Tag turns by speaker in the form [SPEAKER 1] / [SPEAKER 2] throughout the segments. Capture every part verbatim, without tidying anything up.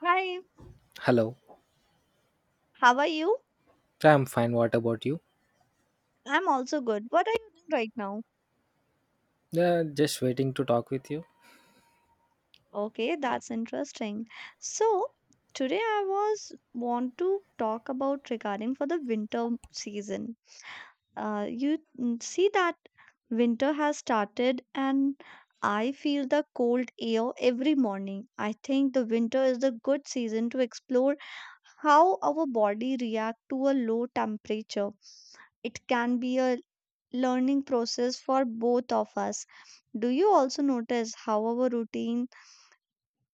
[SPEAKER 1] Hi,
[SPEAKER 2] Hello.
[SPEAKER 1] how are you?
[SPEAKER 2] I'm fine. What about you?
[SPEAKER 1] I'm also good. What are you doing right now?
[SPEAKER 2] Yeah, just waiting to talk with you.
[SPEAKER 1] Okay, that's interesting. So, today I was want to talk about regarding for the winter season. Uh, you mm, see that winter has started and I feel the cold air every morning. I think the winter is the good season to explore how our body react to a low temperature, it can be a learning process for both of us. Do you also notice how our routine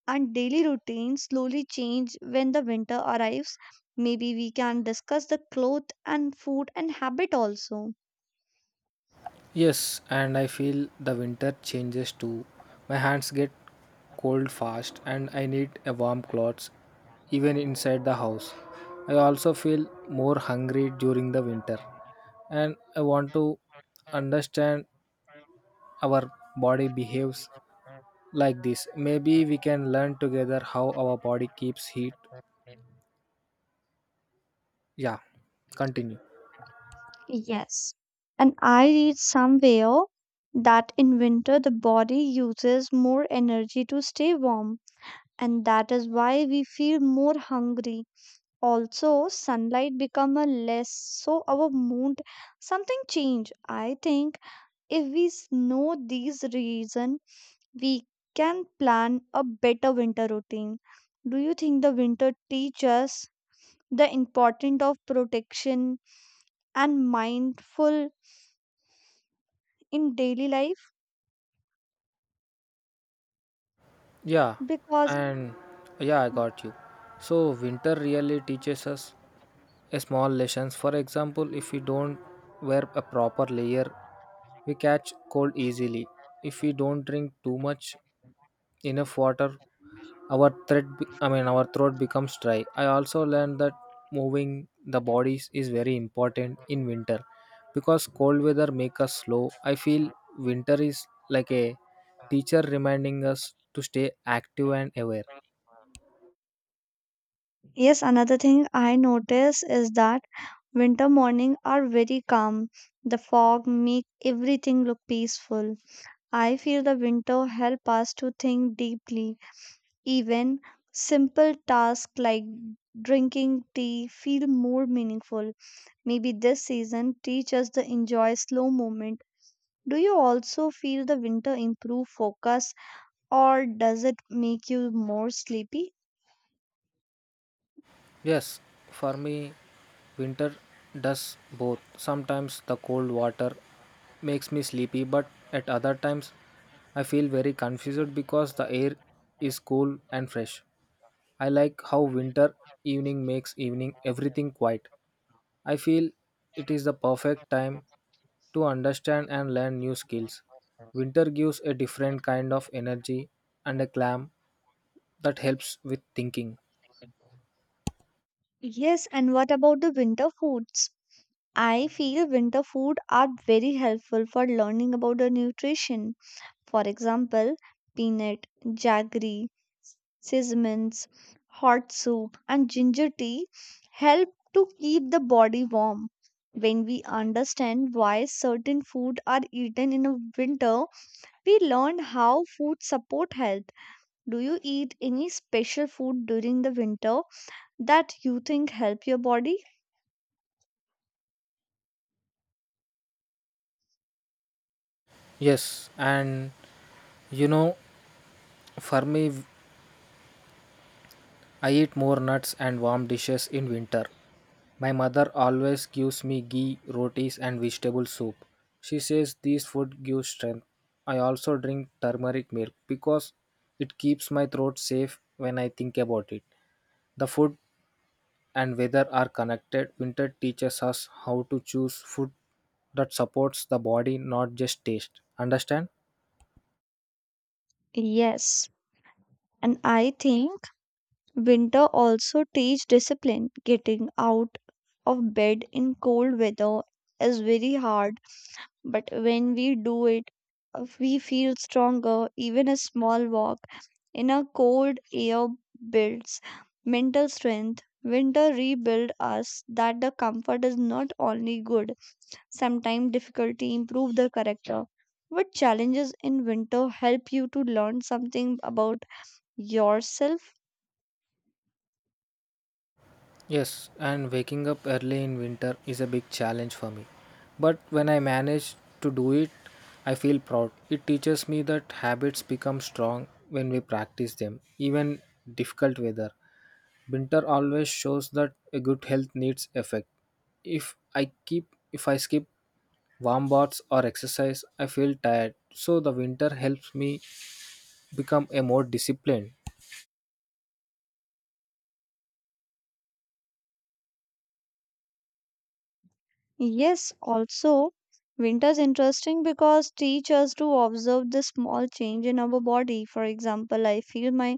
[SPEAKER 1] and daily routine slowly change when the winter arrives? Maybe we can discuss the cloth and food and habit also.
[SPEAKER 2] Yes, and I feel the winter changes too. My hands get cold fast and I need a warm clothes even inside the house. I also feel more hungry during the winter and I want to understand our body behaves like this. Maybe we can learn together how our body keeps heat. Yeah, continue.
[SPEAKER 1] Yes, and I read somewhere that in winter the body uses more energy to stay warm, and that is why we feel more hungry, also sunlight become a less, so our mood something change, I think if we s- know these reason we can plan a better winter routine. Do you think the winter teach us the importance of protection and mindful in daily life
[SPEAKER 2] Yeah,
[SPEAKER 1] because...
[SPEAKER 2] and yeah, I got you. So winter really teaches us a small lessons. For example, if we don't wear a proper layer, we catch cold easily. If we don't drink too much enough water, our thread be- I mean our throat becomes dry. I also learned that moving the bodies is very important in winter because cold weather make us slow. I feel winter is like a teacher reminding us to stay active and aware.
[SPEAKER 1] Yes, another thing I notice is that winter morning are very calm. The fog make everything look peaceful. I feel the winter help us to think deeply. Even simple tasks like drinking tea feel more meaningful. Maybe this season teach us to enjoy slow moment. Do you also feel the winter improve focus or does it make you more sleepy?
[SPEAKER 2] Yes, for me, winter does both. Sometimes the cold water makes me sleepy, but at other times, I feel very confused because the air is cool and fresh. I like how winter evening makes evening everything quiet. I feel it is the perfect time to understand and learn new skills. Winter gives a different kind of energy and a calm that helps with thinking.
[SPEAKER 1] Yes, and what about the winter foods? I feel winter food are very helpful for learning about the nutrition. For example, peanut, jaggery, seasonings, hot soup, and ginger tea help to keep the body warm. When we understand why certain food are eaten in a winter, we learn how food support health. Do you eat any special food during the winter that you think help your body?
[SPEAKER 2] Yes, and you know, for me, I eat more nuts and warm dishes in winter. My mother always gives me ghee, rotis, and vegetable soup. She says these food gives strength. I also drink turmeric milk because it keeps my throat safe when I think about it. The food and weather are connected. Winter teaches us how to choose food that supports the body, not just taste. Understand?
[SPEAKER 1] Yes, and I think winter also teach discipline. Getting out of bed in cold weather is very hard. But when we do it, uh, we feel stronger. Even a small walk in a cold air builds mental strength. Winter rebuild us that the comfort is not only good, sometimes difficulty improve the character. What challenges in winter help you to learn something about yourself?
[SPEAKER 2] Yes, and waking up early in winter is a big challenge for me. But when I manage to do it, I feel proud. It teaches me that habits become strong when we practice them, even difficult weather. Winter always shows that a good health needs effect. If I keep if I skip warm baths or exercise, I feel tired. So the winter helps me become a more disciplined.
[SPEAKER 1] Yes, also winter's interesting because teach us to observe the small change in our body. For example, I feel my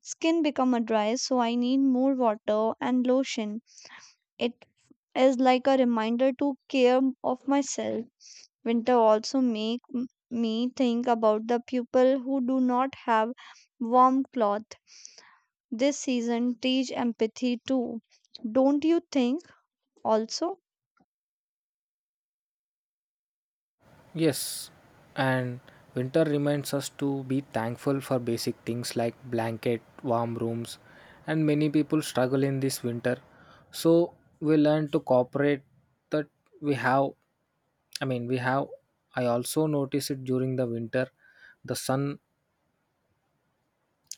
[SPEAKER 1] skin become a dry, so I need more water and lotion. It is like a reminder to care of myself. Winter also make m- me think about the people who do not have warm cloth. This season teach empathy too. Don't you think also?
[SPEAKER 2] Yes, and winter reminds us to be thankful for basic things like blanket, warm rooms, and many people struggle in this winter. So we learn to cooperate that we have. I mean, we have. I also notice it during the winter. The sun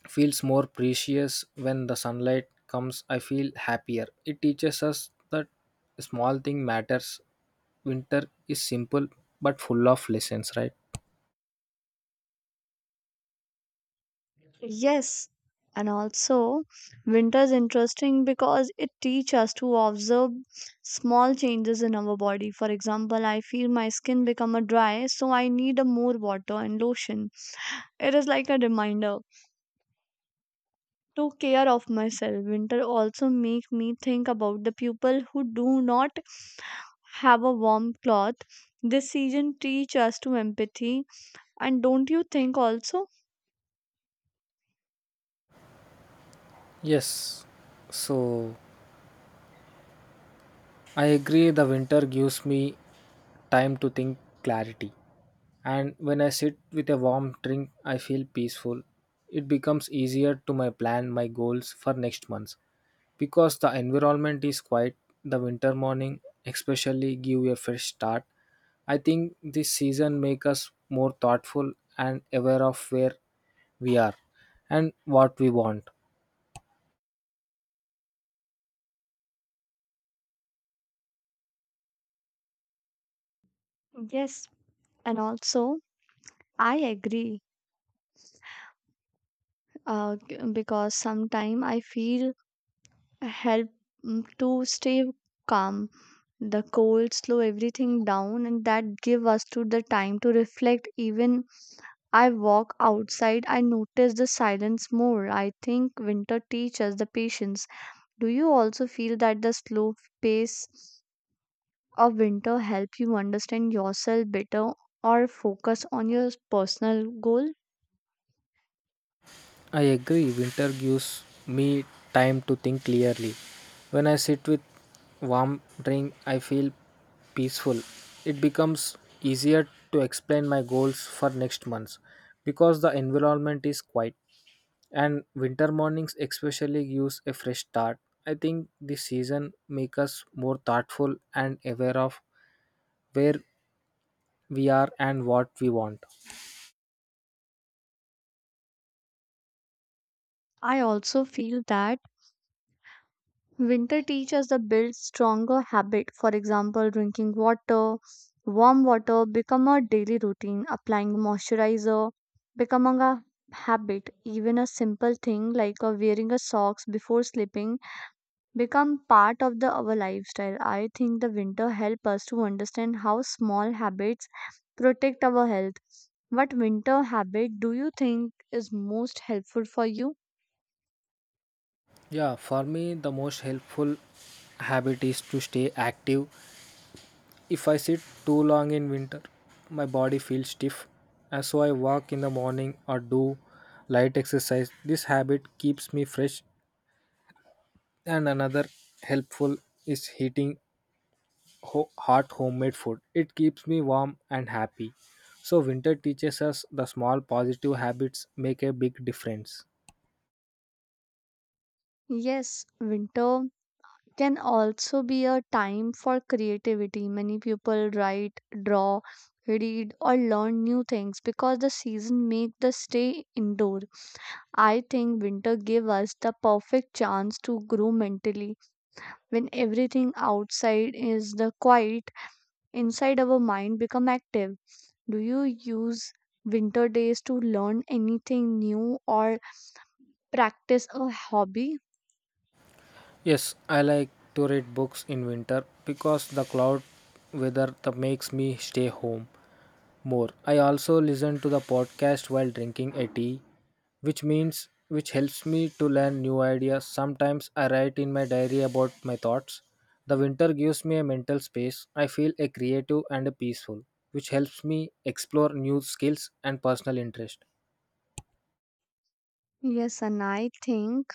[SPEAKER 2] feels more precious when the sunlight comes. I feel happier. It teaches us that small thing matters. Winter is simple but full of lessons, right?
[SPEAKER 1] Yes, and also winter is interesting because it teaches us to observe small changes in our body. For example, I feel my skin become a dry, so I need a more water and lotion. It is like a reminder to care of myself. Winter also make me think about the people who do not have a warm cloth. This season teach us to empathy, and don't you think also?
[SPEAKER 2] Yes. So I agree the winter gives me time to think clarity. And when I sit with a warm drink, I feel peaceful. It becomes easier to my plan my goals for next month. Because the environment is quiet, the winter morning especially give a fresh start. I think this season make us more thoughtful and aware of where we are and what we want.
[SPEAKER 1] Yes, and also I agree, uh, g- because sometimes I feel help, mm, to stay calm. The cold slow everything down, and that give us to the time to reflect. Even I walk outside, I notice the silence more. I think winter teaches the patience. Do you also feel that the slow pace of winter help you understand yourself better or focus on your personal goal?
[SPEAKER 2] I agree, winter gives me time to think clearly. When I sit with warm drink, I feel peaceful. It becomes easier to explain my goals for next months because the environment is quiet and winter mornings especially gives a fresh start. I think this season makes us more thoughtful and aware of where we are and what we want.
[SPEAKER 1] I also feel that winter teaches the build stronger habit. For example, drinking water, warm water become a daily routine. Applying moisturizer becoming a habit. Even a simple thing like uh, wearing a socks before sleeping become part of the our lifestyle. I think the winter help us to understand how small habits protect our health. What winter habit do you think is most helpful for you?
[SPEAKER 2] Yeah, for me, the most helpful habit is to stay active. If I sit too long in winter, my body feels stiff, and so I walk in the morning or do light exercise. This habit keeps me fresh, and another helpful is heating ho- hot homemade food. It keeps me warm and happy. So, winter teaches us the small positive habits make a big difference.
[SPEAKER 1] Yes, winter can also be a time for creativity. Many people write, draw, read or learn new things because the season make the stay indoor. I think winter give us the perfect chance to grow mentally. When everything outside is the quiet, inside our mind become active. Do you use winter days to learn anything new or practice a hobby?
[SPEAKER 2] Yes, I like to read books in winter because the cloud weather that makes me stay home more. I also listen to the podcast while drinking a tea, which means which helps me to learn new ideas. Sometimes I write in my diary about my thoughts. The winter gives me a mental space. I feel a creative and a peaceful, which helps me explore new skills and personal interest.
[SPEAKER 1] Yes, and I think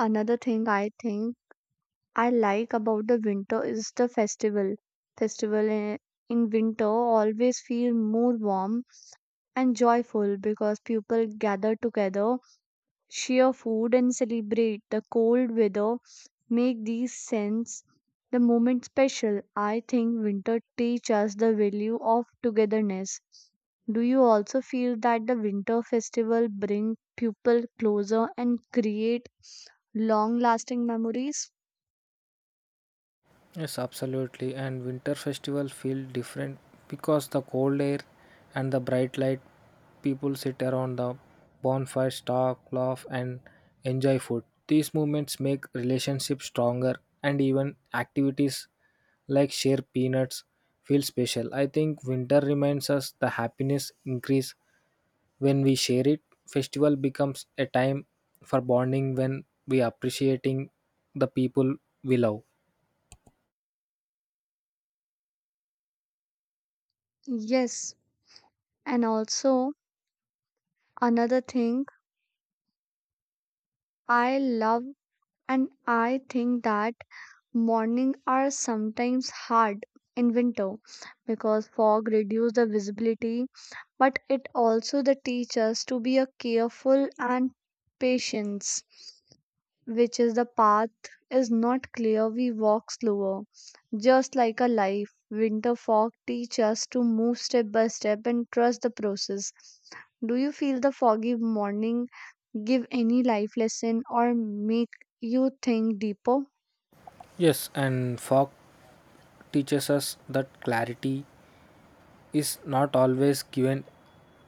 [SPEAKER 1] another thing I think I like about the winter is the festival. Festival i- in winter always feel more warm and joyful because people gather together, share food and celebrate. The cold weather make these scents the moment special. I think winter teach us the value of togetherness. Do you also feel that the winter festival bring people closer and create long lasting memories?
[SPEAKER 2] Yes, absolutely. And winter festival feel different because the cold air and the bright light. People sit around the bonfires, talk, laugh, and enjoy food. These moments make relationships stronger, and even activities like share peanuts feel special. I think winter reminds us the happiness increase when we share it. Festival becomes a time for bonding when we appreciating the people we love.
[SPEAKER 1] Yes, and also, another thing I love, and I think that morning are sometimes hard in winter because fog reduce the visibility, but it also the teachers to be a careful and patience, which is the path is not clear we walk slower, just like a life winter fog teach us to move step by step and trust the process. Do you feel the foggy morning give any life lesson or make you think deeper?
[SPEAKER 2] Yes, and folk teaches us that clarity is not always given,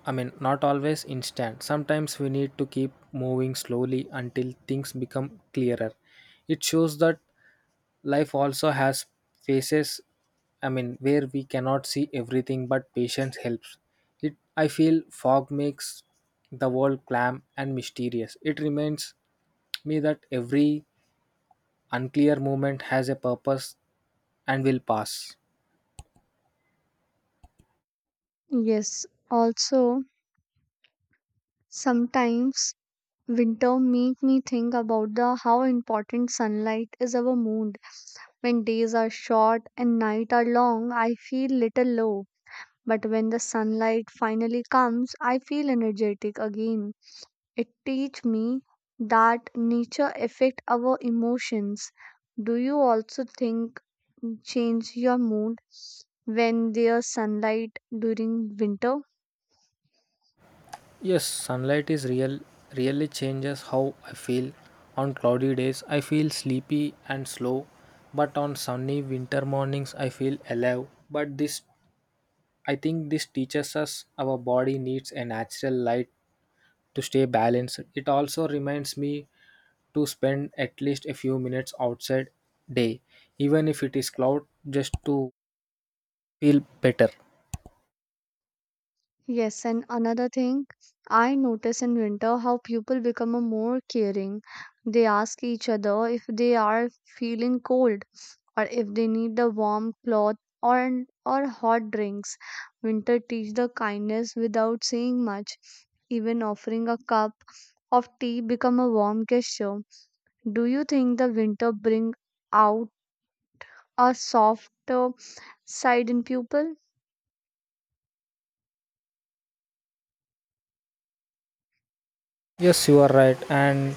[SPEAKER 2] I mean, not always instant. Sometimes we need to keep moving slowly until things become clearer. It shows that life also has phases, I mean, where we cannot see everything, but patience helps. It, I feel fog makes the world calm and mysterious. It reminds me that every unclear moment has a purpose and will pass.
[SPEAKER 1] Yes, also sometimes winter make me think about the how important sunlight is our mood. When days are short and night are long I feel little low, but when the sunlight finally comes I feel energetic again. It teach me that nature affect our emotions. Do you also think change your mood when there's sunlight during winter?
[SPEAKER 2] Yes, sunlight is real really changes how I feel. On cloudy days I feel sleepy and slow, but on sunny winter mornings I feel alive. But this I think this teaches us our body needs a natural light to stay balanced. It also reminds me to spend at least a few minutes outside day, even if it is cloud just to feel better.
[SPEAKER 1] Yes, and another thing I notice in winter how people become a more caring. They ask each other if they are feeling cold or if they need a warm cloth or or hot drinks. Winter teach the kindness without saying much. Even offering a cup of tea become a warm gesture. Do you think the winter bring out a softer side in people?
[SPEAKER 2] Yes, you are right, and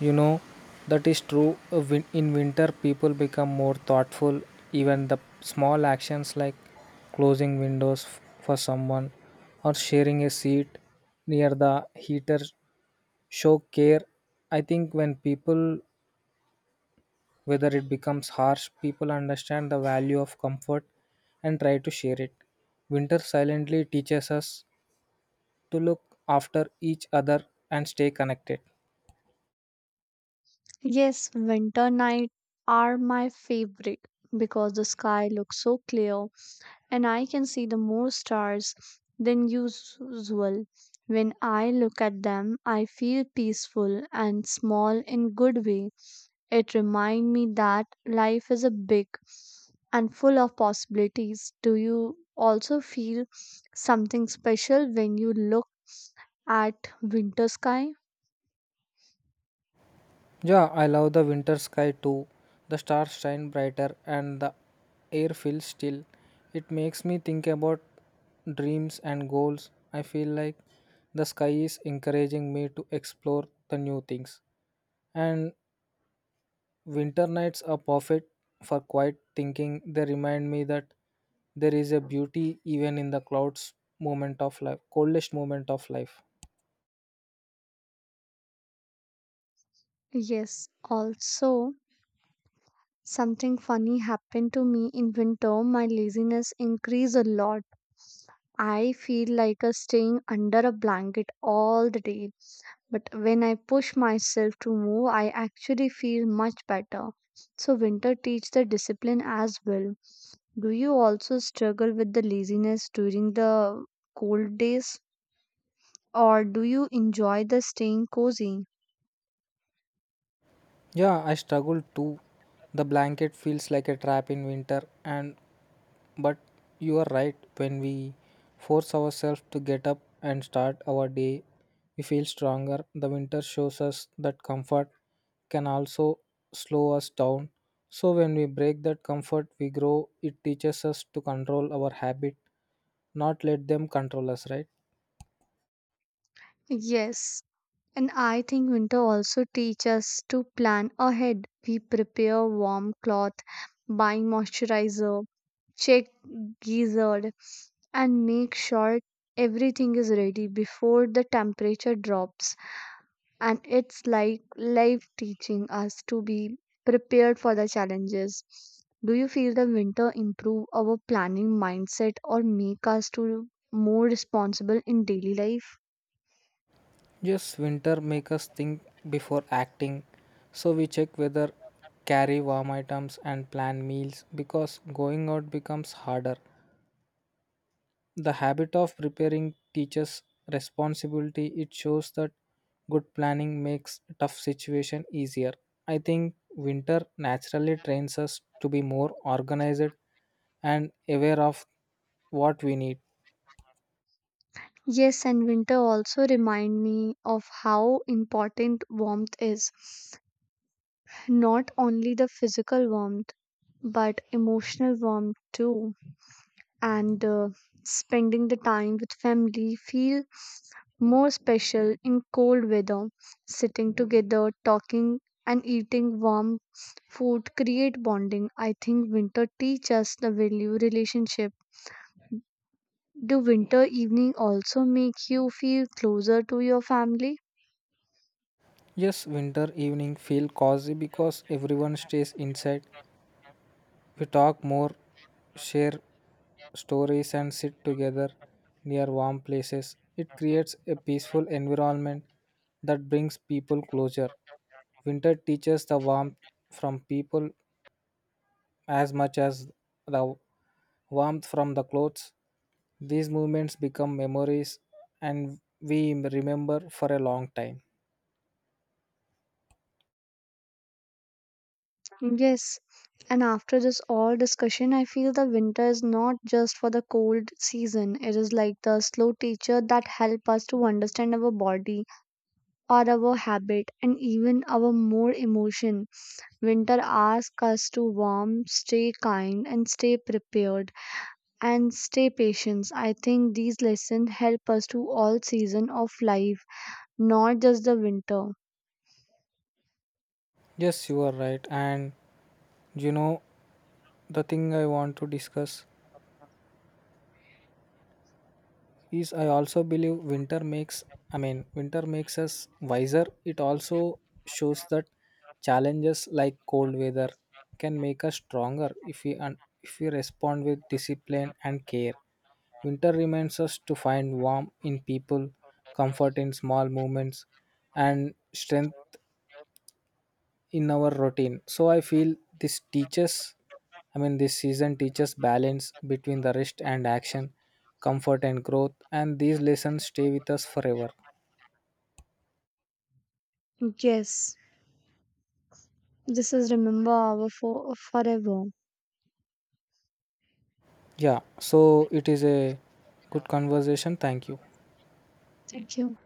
[SPEAKER 2] you know that is true. Uh, win- In winter, people become more thoughtful. Even the small actions like closing windows f- for someone or sharing a seat near the heater show care. I think when people, whether it becomes harsh, people understand the value of comfort and try to share it. Winter silently teaches us to look after each other and stay connected.
[SPEAKER 1] Yes, winter night are my favorite because the sky looks so clear and I can see the more stars than usual. When I look at them, I feel peaceful and small in good way. It reminds me that life is a big and full of possibilities. Do you also feel something special when you look at winter sky?
[SPEAKER 2] Yeah, I love the winter sky too. The stars shine brighter and the air feels still. It makes me think about dreams and goals. I feel like the sky is encouraging me to explore the new things. And winter nights are perfect for quiet thinking. They remind me that there is a beauty even in the clouds moment of life, coldest moment of life.
[SPEAKER 1] Yes, also something funny happened to me in winter. My laziness increased a lot. I feel like a staying under a blanket all the day. But when I push myself to move, I actually feel much better. So winter teach the discipline as well. Do you also struggle with the laziness during the cold days or do you enjoy the staying cozy?
[SPEAKER 2] Yeah, I struggle too. The blanket feels like a trap in winter, and But you are right, when we force ourselves to get up and start our day, we feel stronger. The winter shows us that comfort can also slow us down. So, when we break that comfort, we grow. It teaches us to control our habit, not let them control us, right?
[SPEAKER 1] Yes, and I think winter also teaches us to plan ahead. We prepare warm cloth, buy moisturizer, check gizzard, and make sure everything is ready before the temperature drops. And it's like life teaching us to be prepared for the challenges. Do you feel the winter improve our planning mindset or make us to more responsible in daily life?
[SPEAKER 2] Yes, winter make us think before acting. So, we check whether carry warm items and plan meals because going out becomes harder. The habit of preparing teaches responsibility. It shows that good planning makes tough situation easier. I think winter naturally trains us to be more organized and aware of what we need.
[SPEAKER 1] Yes, and winter also remind me of how important warmth is. Not only the physical warmth, but emotional warmth too. And uh, spending the time with family feel more special in cold weather. Sitting together, talking and eating warm food create bonding. I think winter teach us the value relationship. Do winter evening also make you feel closer to your family?
[SPEAKER 2] Yes, winter evening feel cozy because everyone stays inside. We talk more, share stories, and sit together near warm places. It creates a peaceful environment that brings people closer. Winter teaches the warmth from people as much as the warmth from the clothes. These moments become memories and we remember for a long time.
[SPEAKER 1] Yes, and after this all discussion, I feel the winter is not just for the cold season. It is like the slow teacher that help us to understand our body, or our habit, and even our more emotion. Winter asks us to warm, stay kind, and stay prepared, and stay patient. I think these lessons help us to all season of life, not just the winter.
[SPEAKER 2] Yes, you are right. And you know, the thing I want to discuss is I also believe winter makes, I mean, winter makes us wiser. It also shows that challenges like cold weather can make us stronger if we un- if we respond with discipline and care. Winter reminds us to find warmth in people, comfort in small movements, and strength in our routine. So I feel this teaches, I mean, this season teaches balance between the rest and action, comfort and growth, and these lessons stay with us forever.
[SPEAKER 1] Yes, this is remember our for forever.
[SPEAKER 2] Yeah, so it is a good conversation. Thank you.
[SPEAKER 1] Thank you.